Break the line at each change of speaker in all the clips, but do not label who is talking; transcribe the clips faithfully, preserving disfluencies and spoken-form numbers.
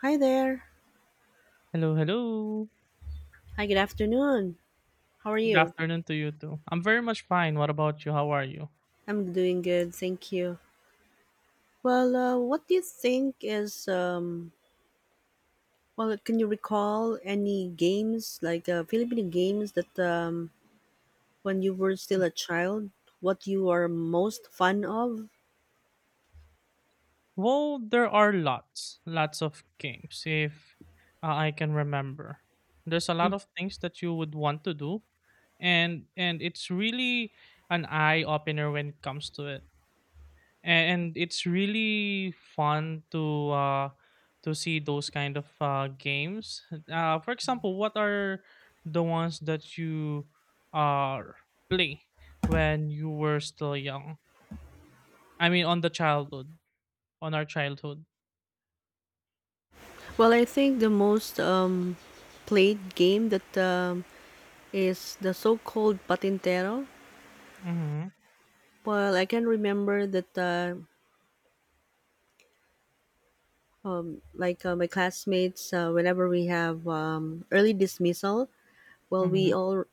Hi there.
Hello, hello.
Hi, good afternoon. How are
Good
you?
afternoon to you too. I'm very much fine. What about you? How are you?
I'm doing good, thank you. Well, uh, what do you think is um well, can you recall any games like uh, Filipino games that um when you were still a child, what you are most fond of?
Well, there are lots, lots of games if uh, I can remember. There's a lot of things that you would want to do, and and it's really an eye opener when it comes to it. And, it's really fun to uh, to see those kind of uh, games. Uh, for example, what are the ones that you uh, play when you were still young? I mean, on the childhood, on our childhood.
Well, I think the most um, played game that um, is the so-called patintero.
Mm-hmm.
Well, I can remember that uh, um, like uh, my classmates, uh, whenever we have um, early dismissal, well,
Mm-hmm.
we all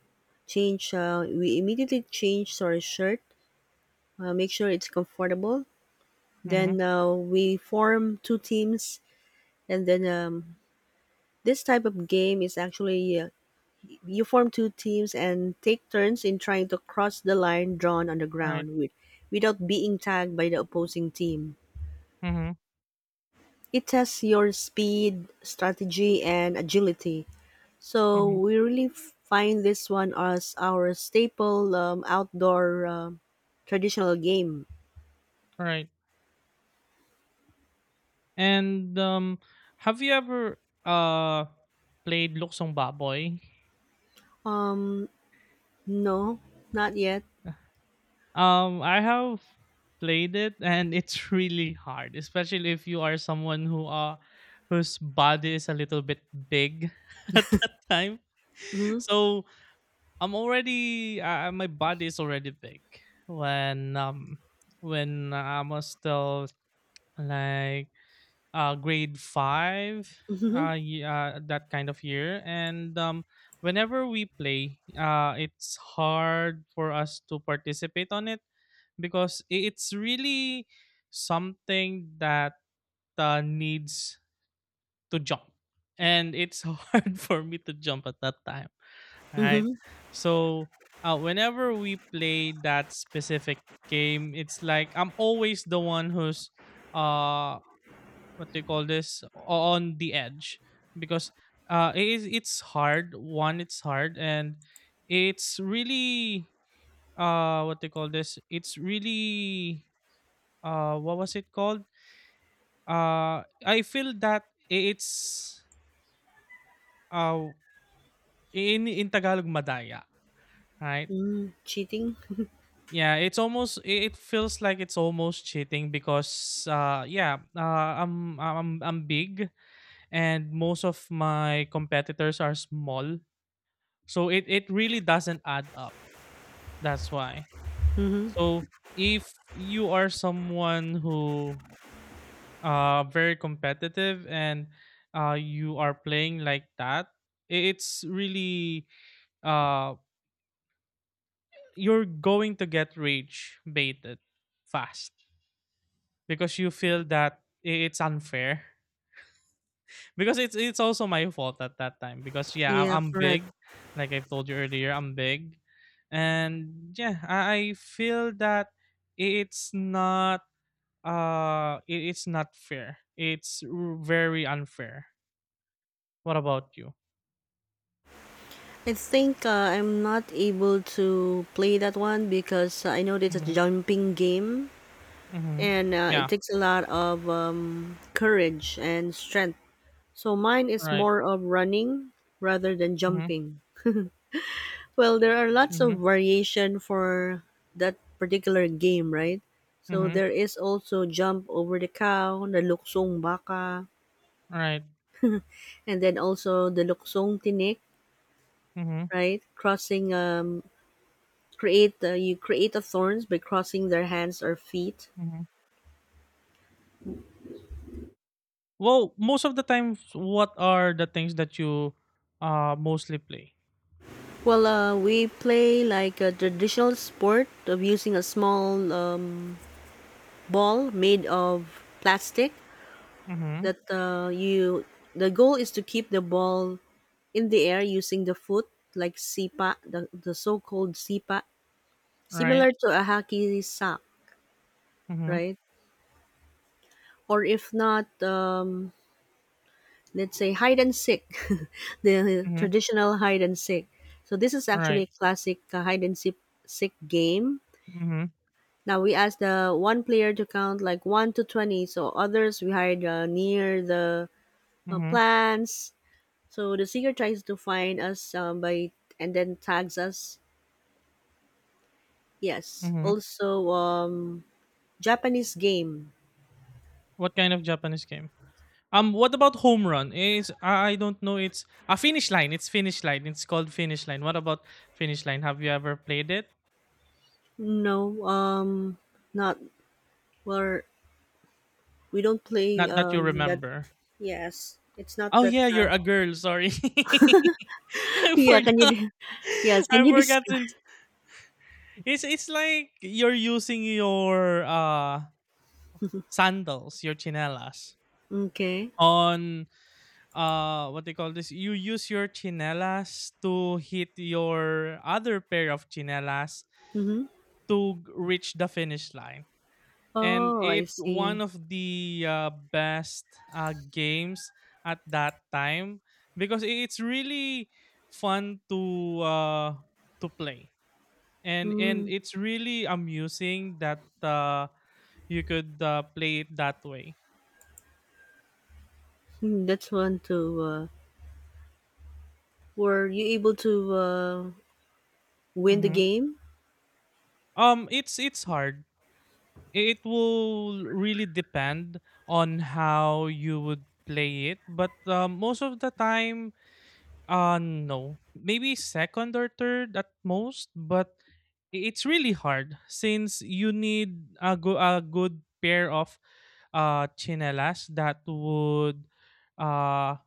change. Uh, we immediately change our shirt, uh, make sure it's comfortable.
Mm-hmm.
Then uh, we form two teams, and then um, this type of game is actually uh, you form two teams and take turns in trying to cross the line drawn on the
Right.
ground with, without being tagged by the opposing team.
Mm-hmm.
It tests your speed, strategy, and agility. So
Mm-hmm.
we really f- find this one as our staple um, outdoor um traditional game.
Right. And um, have you ever uh played Luksong Baboy?
Um, no, not yet.
Um, I have played it, and it's really hard, especially if you are someone who uh whose body is a little bit big at that time.
Mm-hmm.
So, I'm already uh, my body is already big when um when I was still like uh, grade five,
Mm-hmm.
uh, ye- uh, that kind of year. And um, whenever we play, uh, it's hard for us to participate on it, because i- it's really something that uh, needs to jump, and it's hard for me to jump at that time. Right,
Mm-hmm.
so uh, whenever we play that specific game, it's like I'm always the one who's uh what they call this, on the edge, because uh it is it's hard, one, it's hard, and it's really, uh what they call this, it's really, uh what was it called, uh I feel that i- it's, uh in in Tagalog, madaya, right?
Mm-hmm. Cheating.
Yeah, it's almost, i- it feels like it's almost cheating, because uh yeah, uh, i'm i'm i'm big, and most of my competitors are small. So it it really doesn't add up. That's why.
Mm-hmm.
So if you are someone who uh very competitive, and uh you are playing like that, i- it's really, uh you're going to get rage baited fast, because you feel that i- it's unfair. Because it's it's also my fault at that time, because yeah, I'm
Yeah,
I'm
correct.
big. Like I've told you earlier, I'm big. And yeah, I, I feel that it's not, uh it, it's not fair. It's r- very unfair. What about you?
I think uh, I'm not able to play that one because uh, I know that it's a
Mhm.
jumping game,
Mhm.
and uh,
Yeah,
it takes a lot of um, courage and strength. So mine is
right.
more of running rather than
Mhm.
jumping. Well, there are lots of
Mhm.
variation for that particular game, right? So
Mhm.
there is also jump over the cow, the luksong baka,
Right.
and then also the luksong tinik,
Mhm.
right? Crossing um create uh, you create a thorns by crossing their hands or feet.
Mhm. Well, most of the times, what are the things that you uh mostly play?
Well, uh, we play like a traditional sport of using a small um, ball made of plastic
Mhm.
that uh, you the goal is to keep the ball in the air using the foot like sipa, the, the so-called sipa,
Right.
similar to a hockey sack,
Mhm.
right, or if not um, let's say hide and seek. The
Mhm.
traditional hide and seek. So this is actually
Right.
a classic uh, hide and seek, seek game.
Mhm.
Now we ask the one player to count like one to twenty, so others, we hide uh, near the uh,
Mhm,
plants. So the seeker tries to find us um, by and then tags us. Yes.
mhm.
Also, um, Japanese game.
What kind of Japanese game? Um, what about Home Run? Is I I don't know. It's a Finish Line. It's Finish Line. It's called Finish Line. What about Finish Line? Have you ever played it?
No, um, not where we don't play
Not that you
um that.
remember.
Yes, it's not
Oh
that.
yeah, you're
Uh,
a girl. Sorry, I
yeah, can you?
forgot.
de- Yes, can
I
you
forgot.
describe?
Since it's it's like you're using your uh sandals, your chinelas
Okay.
on, uh what they call this, you use your chinelas to hit your other pair of chinelas
Mm-hmm.
to g- reach the finish line, and
Oh, I
it's one
see.
of the uh, best uh, games at that time, because i- it's really fun to uh to play, and and
Mm.
it's really amusing that uh you could uh, play it that way.
Hmm, that's one too. Uh, were you able to uh, win the
Mhm.
game?
um it's it's hard. It will really depend on how you would play it, but uh, most of the time, uh, no. Maybe second or third at most, but i- it's really hard, since you need a, go- a good pair of uh, chinelas that would, uh,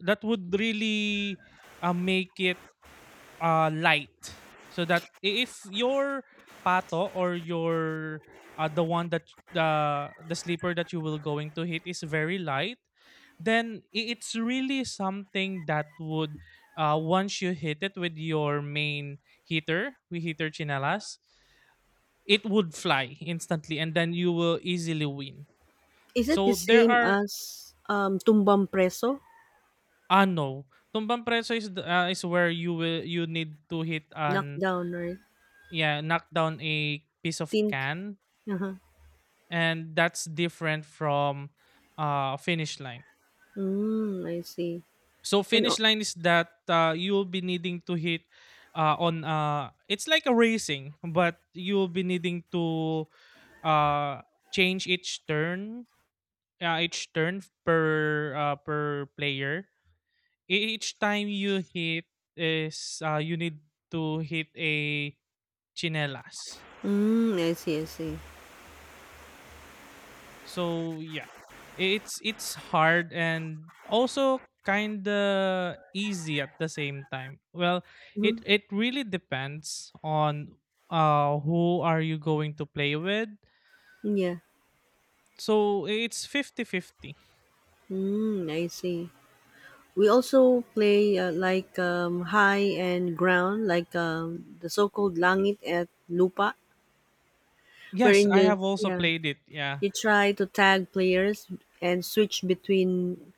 that would really, uh, make it uh, light, so that i- if your pato, or your uh, the one that the the sleeper that you will going to hit is very light, then i- it's really something that would, uh, once you hit it with your main heater we heater chinelas, it would fly instantly and then you will easily win.
Is it the
So there
same
are,
as um, Tumbang Preso?
ano tumbang preso is the, uh, is where you will, you need to hit an,
Knockdown, right?
yeah, knock down a piece of
Think.
can,
Uh-huh.
and that's different from uh finish line.
Mm, I see.
So
And
finish
al-
line is that uh, you'll be needing to hit, uh, on, uh it's like a racing, but you'll be needing to uh change each turn, uh, each turn per uh, per player. E- each time you hit is, uh, you need to hit a chinelas.
mm, I see, I see.
So yeah, it's it's hard and also kind of easy at the same time. Well, it
Mhm.
it really depends on uh who are you going to play with.
Yeah.
So it's fifty fifty.
Mm, I see. We also play uh, like um, high and ground, like um, the so-called langit at lupa,
Yes,
wherein
I
you,
have also
yeah,
played it. Yeah.
you try to tag players and switch between.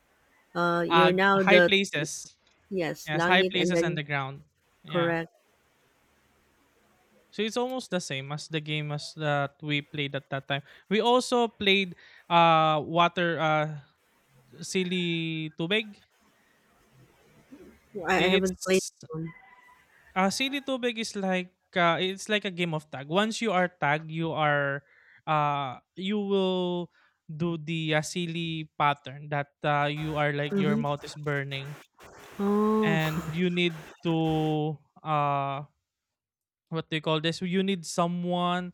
Uh, you're
Uh
now
High
the
places.
yes
Yes, high
langit and
places and
then
the ground. Yeah.
correct.
So it's almost the same as the game as that we played at that time. We also played uh water, uh silly Tubig?
I,
I
I haven't played
it's,
that one.
ah, silly Tubig is like, ah, it's like a game of tag. Once you are tagged, you are, ah, you will do the, ah, Sili pattern, that, ah, you are like your
Mm-hmm.
mouth is burning,
Oh,
and you need to, ah, what do you call this? You need someone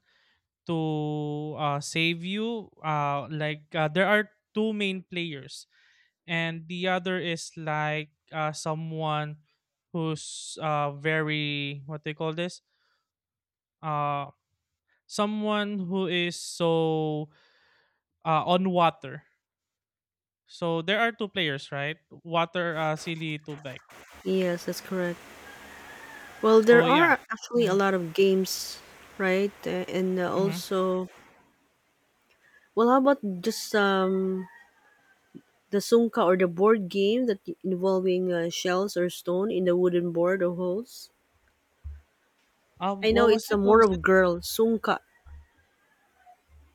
to uh, save you. Uh, like, uh, there are two main players, and the other is like, uh, someone who's, uh, very what they call this, uh, someone who is so, uh, on water. So there are two players, right? Water, uh, silly, tubig.
yes, that's correct. Well, there
So yeah.
are actually a
Mm-hmm.
lot of games, right? Uh, And uh,
Mm-hmm.
also, well, how about just um the sungka or the board game that involving uh, shells or stone in the wooden board or holes? I
Um,
know
what was
it's a
it? What
more
was it?
of girl sungka,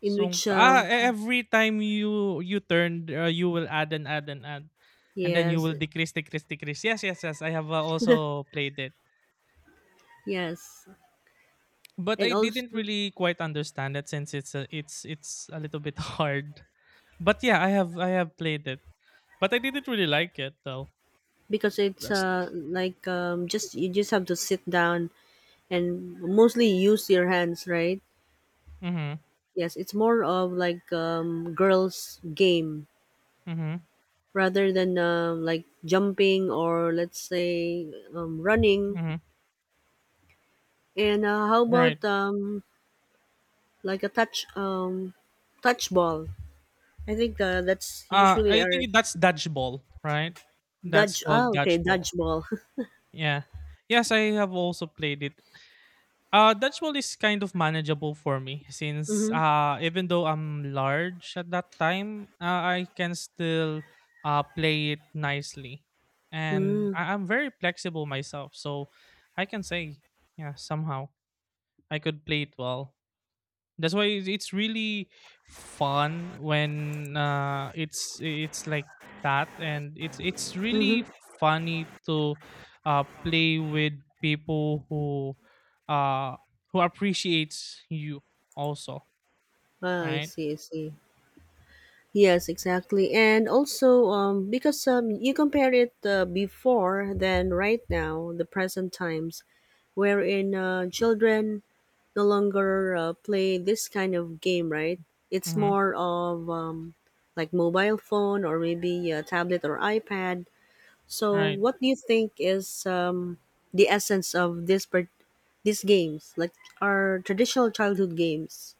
in
Song
which
ah,
um
e Every time you you turn, uh, you will add and add and add, and then you
yes,
will decrease, decrease, decrease. Yes, yes, yes. I have uh, also played it,
yes,
but
and
I didn't
also
really quite understand it, since it's a, it's it's a little bit hard. But yeah, I have I have played it, but I didn't really like it though.
because it's
That's.
uh like um just you just have to sit down and mostly use your hands, right?
Mm-hmm.
Yes, it's more of like um girls game.
Mm-hmm.
Rather than um, like jumping or let's say um, running.
Mm-hmm.
And uh, how
Right.
about um, like a touch um, touch ball? I think uh, that's
Uh
usually
I
our
think that's dodgeball, right? That's
dodge. Ah,
called
okay,
dodgeball.
dodge ball.
Yeah. Yes, I have also played it. Uh, that role is kind of manageable for me, since
Mm-hmm.
uh, even though I'm large at that time, uh, I can still uh, play it nicely. And
Mm-hmm.
I- I'm very flexible myself. So I can say, yeah, somehow I could play it well. That's why it's it's really fun when, uh, it's it's like that, and it's it's really funny to uh, play with people who, uh, who appreciates you also,
Ah, I
right?
see. I see. Yes, exactly. And also, um, because um, you compare it uh, before than right now, the present times, wherein uh, children no longer uh, play this kind of game, right? It's
Mm-hmm.
more of um, like mobile phone or maybe a tablet or iPad. So,
Right.
what do you think is um, the essence of this per- these games, like our traditional childhood games?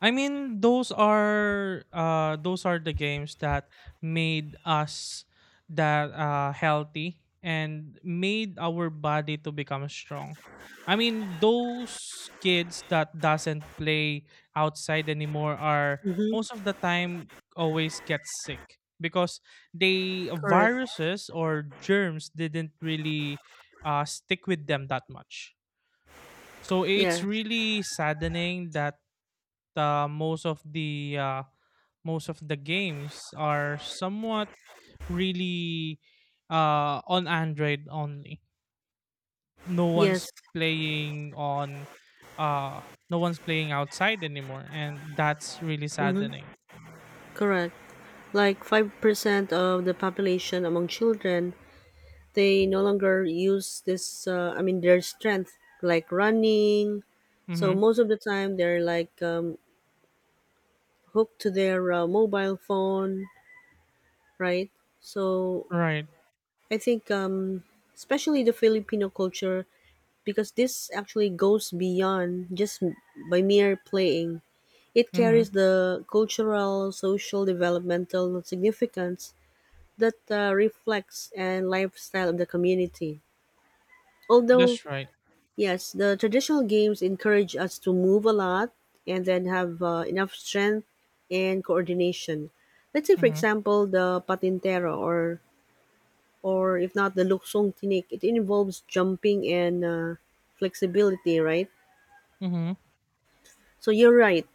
I mean, those are uh those are the games that made us, that, uh healthy, and made our body to become strong. I mean, those kids that doesn't play outside anymore are
Mm-hmm.
most of the time always get sick, because they,
Correct.
viruses or germs, didn't really uh, stick with them that much. So it's
Yeah.
really saddening that, uh, most of the uh, most of the games are somewhat really uh, on Android only. No
Yes.
one's playing on uh, no one's playing outside anymore, and that's really
Mm-hmm.
saddening.
Correct. Like five percent of the population among children, they no longer use this, uh, i mean their strength like running, so
Mm-hmm.
most of the time they're like, um, hooked to their uh, mobile phone, right? So
Right.
I think, um, especially the Filipino culture, because this actually goes beyond just m- by mere playing, it
Mm-hmm.
carries the cultural, social, developmental significance that uh, reflects and lifestyle of the community, although.
That's right.
Yes, the traditional games encourage us to move a lot, and then have uh, enough strength and coordination. Let's say, for
Mm-hmm.
example, the patintero, or or if not the luksong tinik, it involves jumping and, uh, flexibility, right?
Mm-hmm.
So you're right.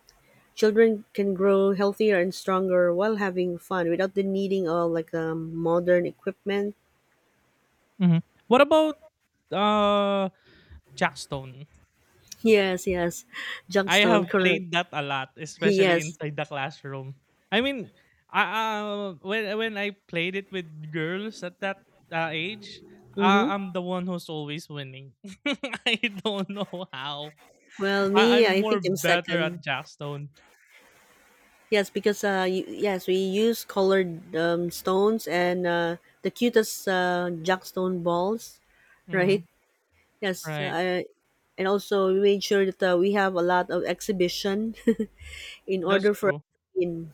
Children can grow healthier and stronger while having fun without the needing of like um, modern equipment.
Mm-hmm. What about uh Jackstone?
Yes, yes,
I
Junkstone,
have
correct.
played that a lot, especially
Yes.
inside the classroom. I mean, uh, uh, when when I played it with girls at that uh, age, uh,
Mm-hmm.
I'm the one who's always winning. I don't know how.
Well,
I,
me,
I'm
I
more
think I'm
better at
second.
Jackstone.
Yes, because uh, you, yes, we use colored um, stones and uh, the cutest uh, jackstone balls,
Mm-hmm.
right? Yes,
Right,
uh, and also we made sure that uh, we have a lot of exhibition in
that's
order for
true.
in.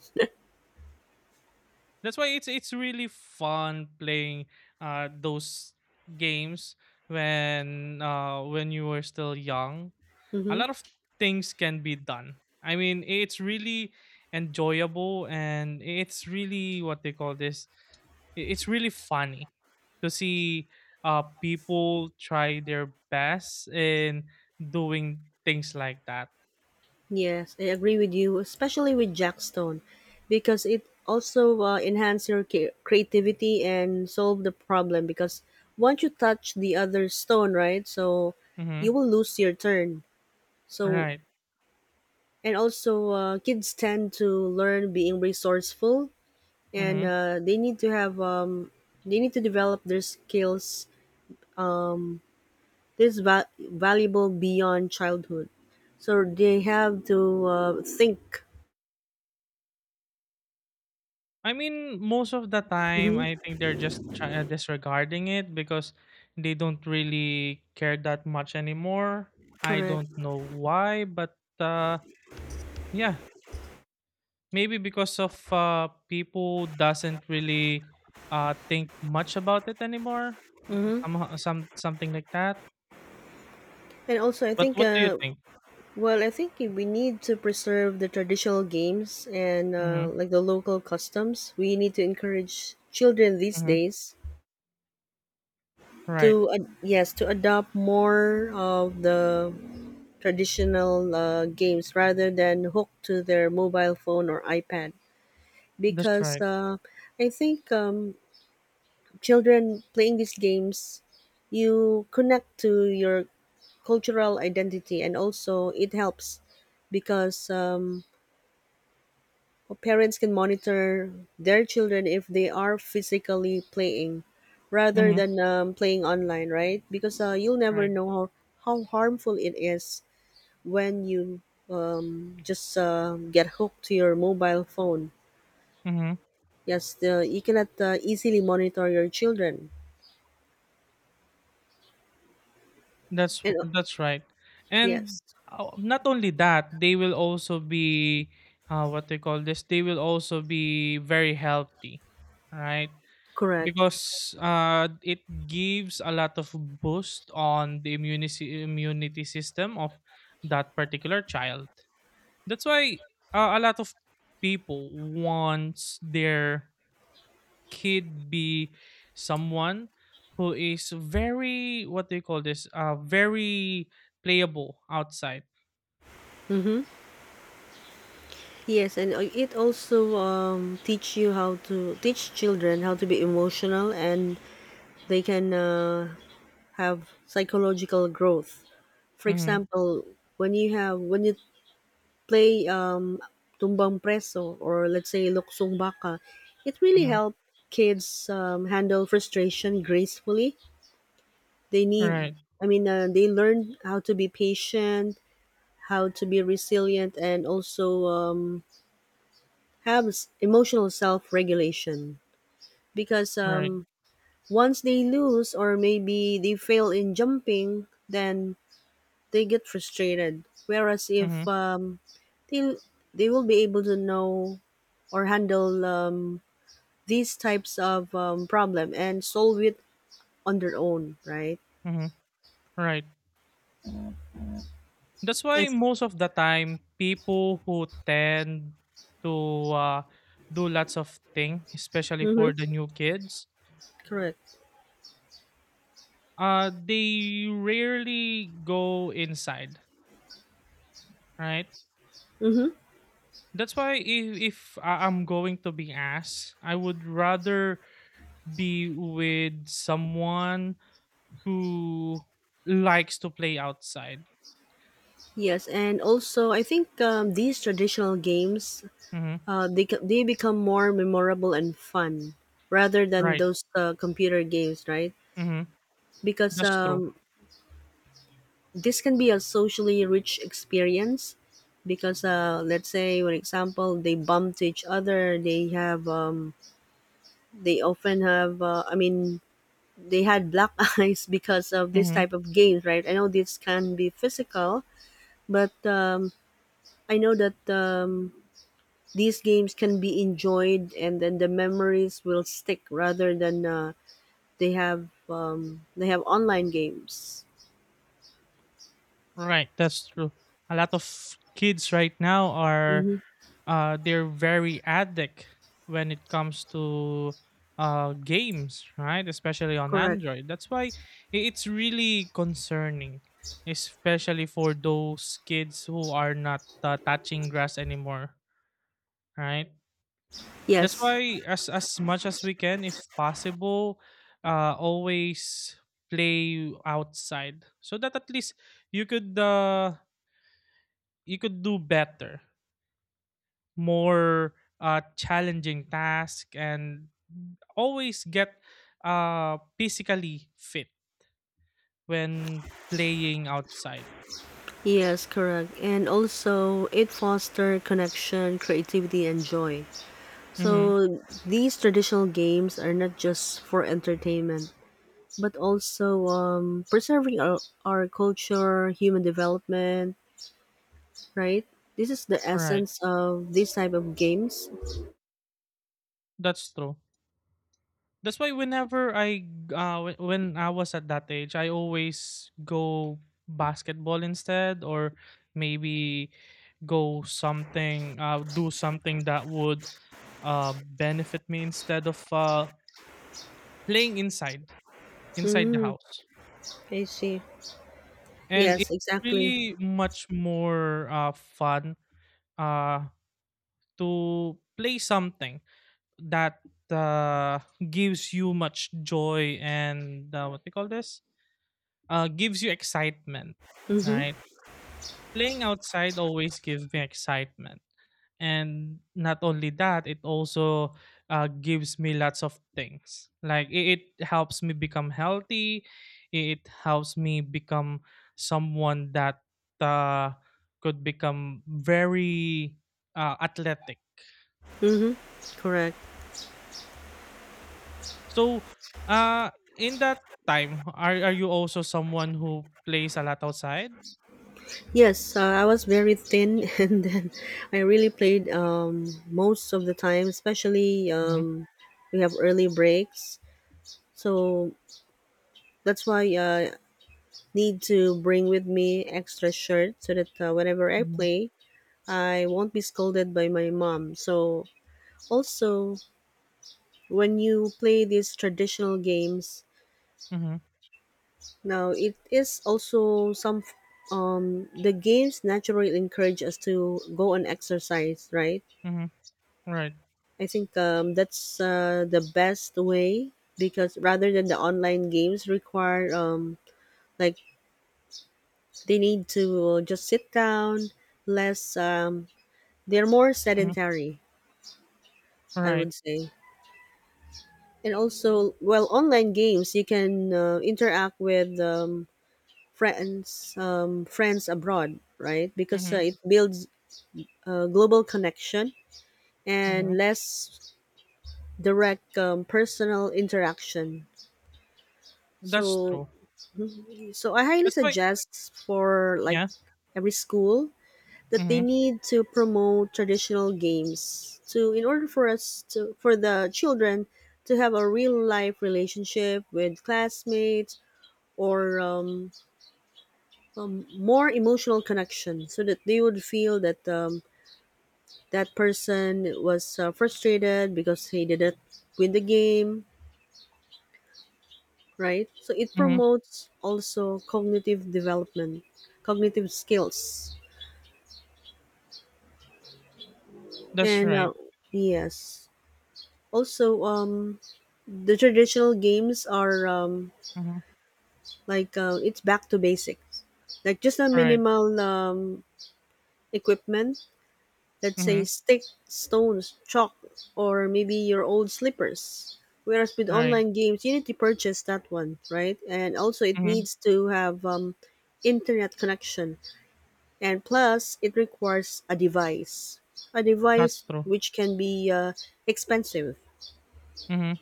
That's why it's it's really fun playing uh those games when, uh when you were still young. A
Hmm.
lot of things can be done. I mean, it's really enjoyable, and it's really, what they call this, i- it's really funny to see uh people try their best in doing things like that.
Yes, I agree with you, especially with jackstone, because it also uh, enhance your ca- creativity and solve the problem. Because once you touch the other stone, right, so you
Mhm.
will lose your turn. So,
Right.
and also uh, kids tend to learn being resourceful, and
Mhm.
uh, they need to have um, they need to develop their skills, this va- valuable beyond childhood, so they have to uh, think.
I mean, most of the time,
Hmm.
I think they're just try- uh, disregarding it, because they don't really care that much anymore. I
Correct.
don't know why, but uh, yeah, maybe because of, uh, people doesn't really uh, think much about it anymore. uh,
Hmm.
Somehow, some something like that.
And also I
But
think,
what do you
uh,
think?
well, I think we need to preserve the traditional games and, uh,
Mm-hmm,
like the local customs. We need to encourage children these
mm-hmm,
days
right.
to, uh, yes, to adopt more of the traditional uh, games rather than hooked to their mobile phone or iPad.
That's
Because
right.
uh, I think um, children playing these games, you connect to your cultural identity, and also it helps because, um, parents can monitor their children if they are physically playing rather
Mm-hmm,
than um, playing online, right? Because uh, you'll never
right.
know how, how harmful it is when you um, just uh, get hooked to your mobile phone.
Mm-hmm.
Yes, the, you cannot uh, easily monitor your children.
That's
And,
w-
uh,
that's right,
yes,
and uh, not only that, they will also be, uh, what they call this. They will also be very healthy, right?
correct.
Because uh, it gives a lot of boost on the immunity immunity system of that particular child. That's why uh, a lot of people wants their kid be someone who is very, what do you call this, uh very playable outside.
Yes, and uh, it also um, teach you how to teach children how to be emotional, and they can uh, have psychological growth. For
Mm-hmm,
example, when you have when you play, um, Tumbang Preso or let's say Luksong Baka, it really
mm-hmm.
helped kids um, handle frustration gracefully. They need,
Right.
I mean, uh, they learn how to be patient, how to be resilient, and also um, have s- emotional self regulation. Because
Right.
um, once they lose or maybe they fail in jumping, then they get frustrated. Whereas
Mm-hmm,
if um, they, they will be able to know or handle um, these types of um, problem and solve it on their own, right?
mm-hmm. Right. That's why
Yes.
most of the time people who tend to uh, do lots of thing, especially for the
Mm-hmm.
new kids,
Correct.
uh they rarely go inside, right?
Mm-hmm.
That's why, if, if I- I'm going to be asked, I would rather be with someone who likes to play outside.
Yes, and also I think um, these traditional games,
Mhm.
uh, they ca- they become more memorable and fun rather than
Right.
those uh, computer games, right?
Mhm.
Because
That's true.
um, this can be a socially rich experience. Because uh, let's say, for example, they bump to each other. They have um, they often have uh, I mean they had black eyes because of this
Mhm.
type of games, right? I know this can be physical, but um, I know that um, these games can be enjoyed, and then the memories will stick rather than uh, they have um, they have online games.
Right. That's true. A lot of kids right now are,
Mm-hmm.
uh they're very addict when it comes to uh games, right? Especially on
Correct.
Android. That's why i- it's really concerning, especially for those kids who are not uh, touching grass anymore, right? That's
Yes.
why as as much as we can, if possible, uh, always play outside, so that at least you could uh, you could do better, more uh, challenging task, and always get uh, physically fit when playing outside.
Yes, correct. And also, it foster connection, creativity, and joy.
Mm-hmm.
So, these traditional games are not just for entertainment, but also um, preserving our, our culture, human development, right? This is the
Right,
essence of this type of games.
that's true. That's why whenever I uh whe- when I was at that age, I always go basketball instead, or maybe go something uh do something that would uh benefit me, instead of uh playing inside inside the
Mm,
house.
I see.
And it's
Yes, exactly.
really much more uh fun uh to play something that uh gives you much joy and, uh, what do you call this? Uh, gives you excitement, Mm.
Mm-hmm.
right? Playing outside always gives me excitement. And not only that, it also uh, gives me lots of things. Like it, it helps me become healthy. It helps me become someone that uh, could become very uh, athletic.
Mm-hmm. Correct.
So, uh, in that time, are, are you also someone who plays a lot outside?
Yes, uh, I was very thin, and then I really played um, most of the time. Especially
Mm-hmm,
um, we have early breaks, so that's why I uh, need to bring with me extra shirt so that uh, whenever I
mm-hmm,
play, I won't be scolded by my mom. So, also, when you play these traditional games,
mm-hmm,
now it is also some um the games naturally encourage us to go and exercise, right?
mm-hmm, right.
I think um that's uh, the best way, because rather than the online games require um like they need to just sit down, less um they're more sedentary, I
Right.
would say. And also, well, online games you can uh, interact with um, friends um, friends abroad, right? Because uh,
Mhm.
it builds uh, global connection and
Mhm.
less direct um, personal interaction.
That's
So,
true.
mm-hmm. So I highly
That's why,
suggest for like
yeah.
every school, that they
Mhm.
need to promote traditional games to, in order for us to, for the children to have a real life relationship with classmates, or um, um, more emotional connection, so that they would feel that um, that person was uh, frustrated because he didn't win the game, right? So it
Mhm.
promotes also cognitive development, cognitive skills,
That's
and
right.
uh, yes, also um, the traditional games are, um,
Mhm.
like uh, it's back to basics, like just a
Right.
minimal um, equipment. Let's say
Mhm.
stick, stones, chalk, or maybe your old slippers. Whereas with
Right.
online games, you need to purchase that one, right? And also, it
Mhm.
needs to have um, internet connection, and plus, it requires a device, a device
That's true.
which can be uh, expensive.
Mhm.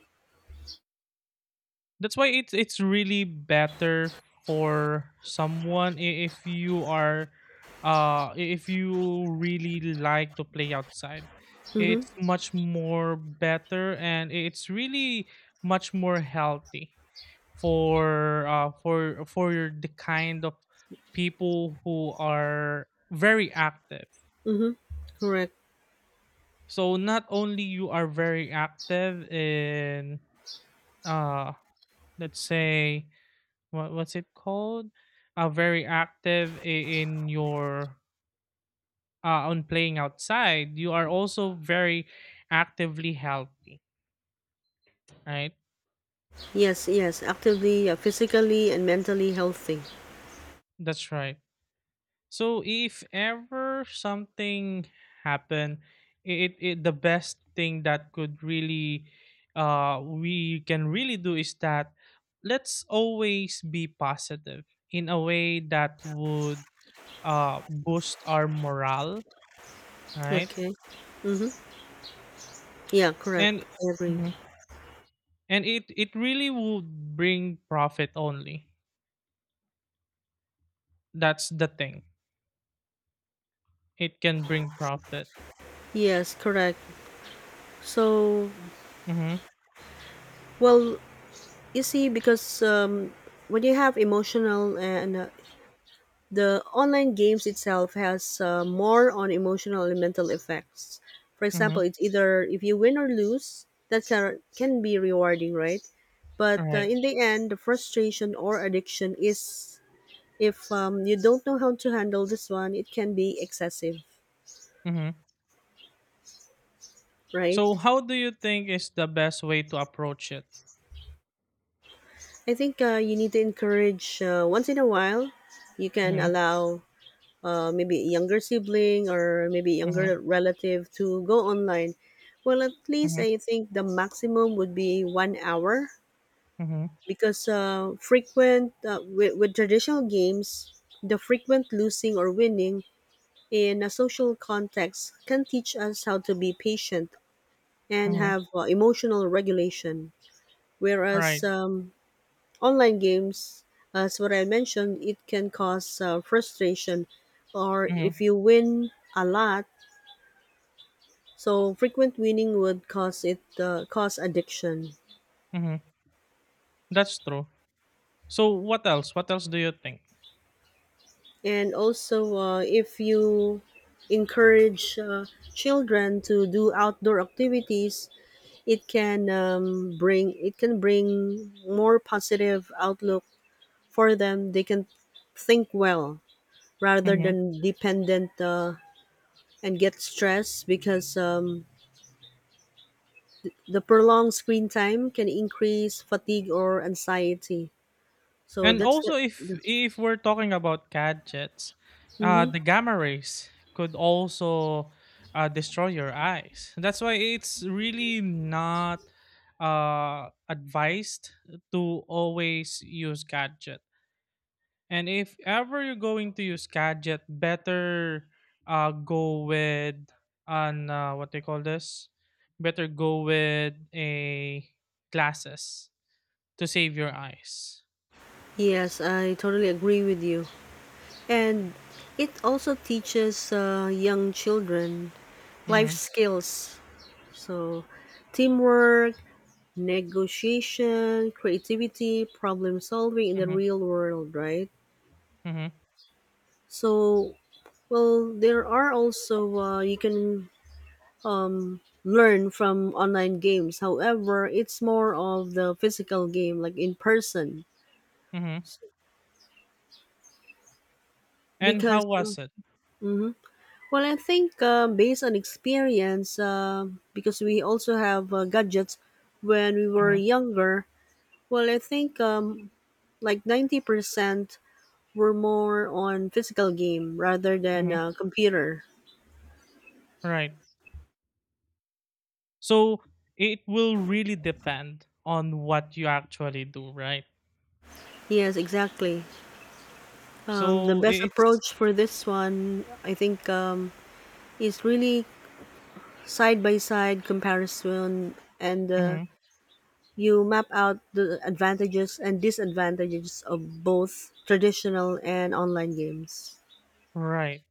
That's why it's it's really better for someone, i- if you are, uh i- if you really like to play outside.
Mm-hmm.
It's much more better, and it's really much more healthy. for uh for for your the kind of people who are very active,
Mm-hmm. Correct.
so not only you are very active in, uh let's say, what what's it called, uh very active, i- in your, uh on playing outside, you are also very actively healthy, right?
Yes. Yes. Actively, uh, physically, and mentally healthy.
That's right. So if ever something happened, it, it the best thing that could really, uh we can really do, is that let's always be positive in a way that would uh boost our morale, right?
Okay. Mm-hmm. Yeah. Correct.
And
I agree.
Mhm. and it it really would bring profit only. That's the thing. It can bring profit.
Yes, correct. So,
Mhm.
well, you see, because um, when you have emotional, uh, and uh, the online games itself has uh, more on emotional and mental effects. For example,
Mhm.
it's either if you win or lose, that can be rewarding, right? But
All
uh,
right.
in the end, the frustration or addiction is, if um, you don't know how to handle this one, it can be excessive,
Mhm.
right?
So how do you think is the best way to approach it?
I think uh, you need to encourage uh, once in a while. You can
Mhm,
allow uh, maybe a younger sibling or maybe
mhm,
younger relative to go online. Well, at least
mhm,
I think the maximum would be one hour,
mhm,
because uh, frequent uh, with, with traditional games, the frequent losing or winning in a social context can teach us how to be patient and
mhm.
have uh, emotional regulation.
Right.
Whereas um, online games, as what I mentioned, it can cause uh, frustration, or if
Mhm,
you win a lot. So frequent winning would cause it uh, cause addiction,
mhm. That's true. So what else? What else do you think?
and also uh, if you encourage uh, children to do outdoor activities, it can um, bring it can bring more positive outlook for them. They can think well rather
Mhm.
than dependent, uh, and get stressed because um, the prolonged screen time can increase fatigue or anxiety. So
And
that's
also, if
the.
if we're talking about gadgets, uh, the gamma rays could also uh, destroy your eyes. That's why it's really not uh, advised to always use gadget. And if ever you're going to use gadget, better uh, go with an, uh, what they call this. Better go with a glasses to save your eyes.
Yes, I totally agree with you. And it also teaches uh, young children life
Mm-hmm,
skills. So, teamwork, negotiation, creativity, problem solving in the
mm-hmm,
real world, right?
mm-hmm.
So, well, there are also, uh, you can um, learn from online games. However, it's more of the physical game, like in person.
Mhm. And
Because,
how
uh,
was it?
mhm. Well, I think uh, based on experience, uh, because we also have uh, gadgets when we were
Mhm,
younger, well, I think um, like ninety percent were more on physical game rather than
mhm,
uh, computer.
right. So it will really depend on what you actually do, right?
Yes, exactly. Um, the
So
best
I- it's
approach for this one, I think, um, is really side by side comparison and uh,
Mhm,
you map out the advantages and disadvantages of both traditional and online games.
right.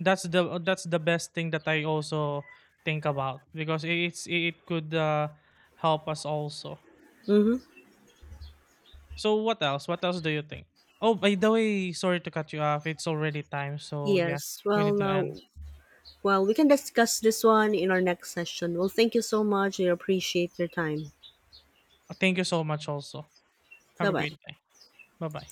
That's the that's the best thing that I also think about, because it's it could uh, help us also.
Mm-hmm.
So what else? What else do you think? Oh, by the way, sorry to cut you off. It's already time, so yeah,
Yes.
we
Well,
need to
now,
end.
well, we can discuss this one in our next session. Well, thank you so much. I appreciate your time.
Thank you so much. Also, have
Bye
a
bye.
great day. Bye bye.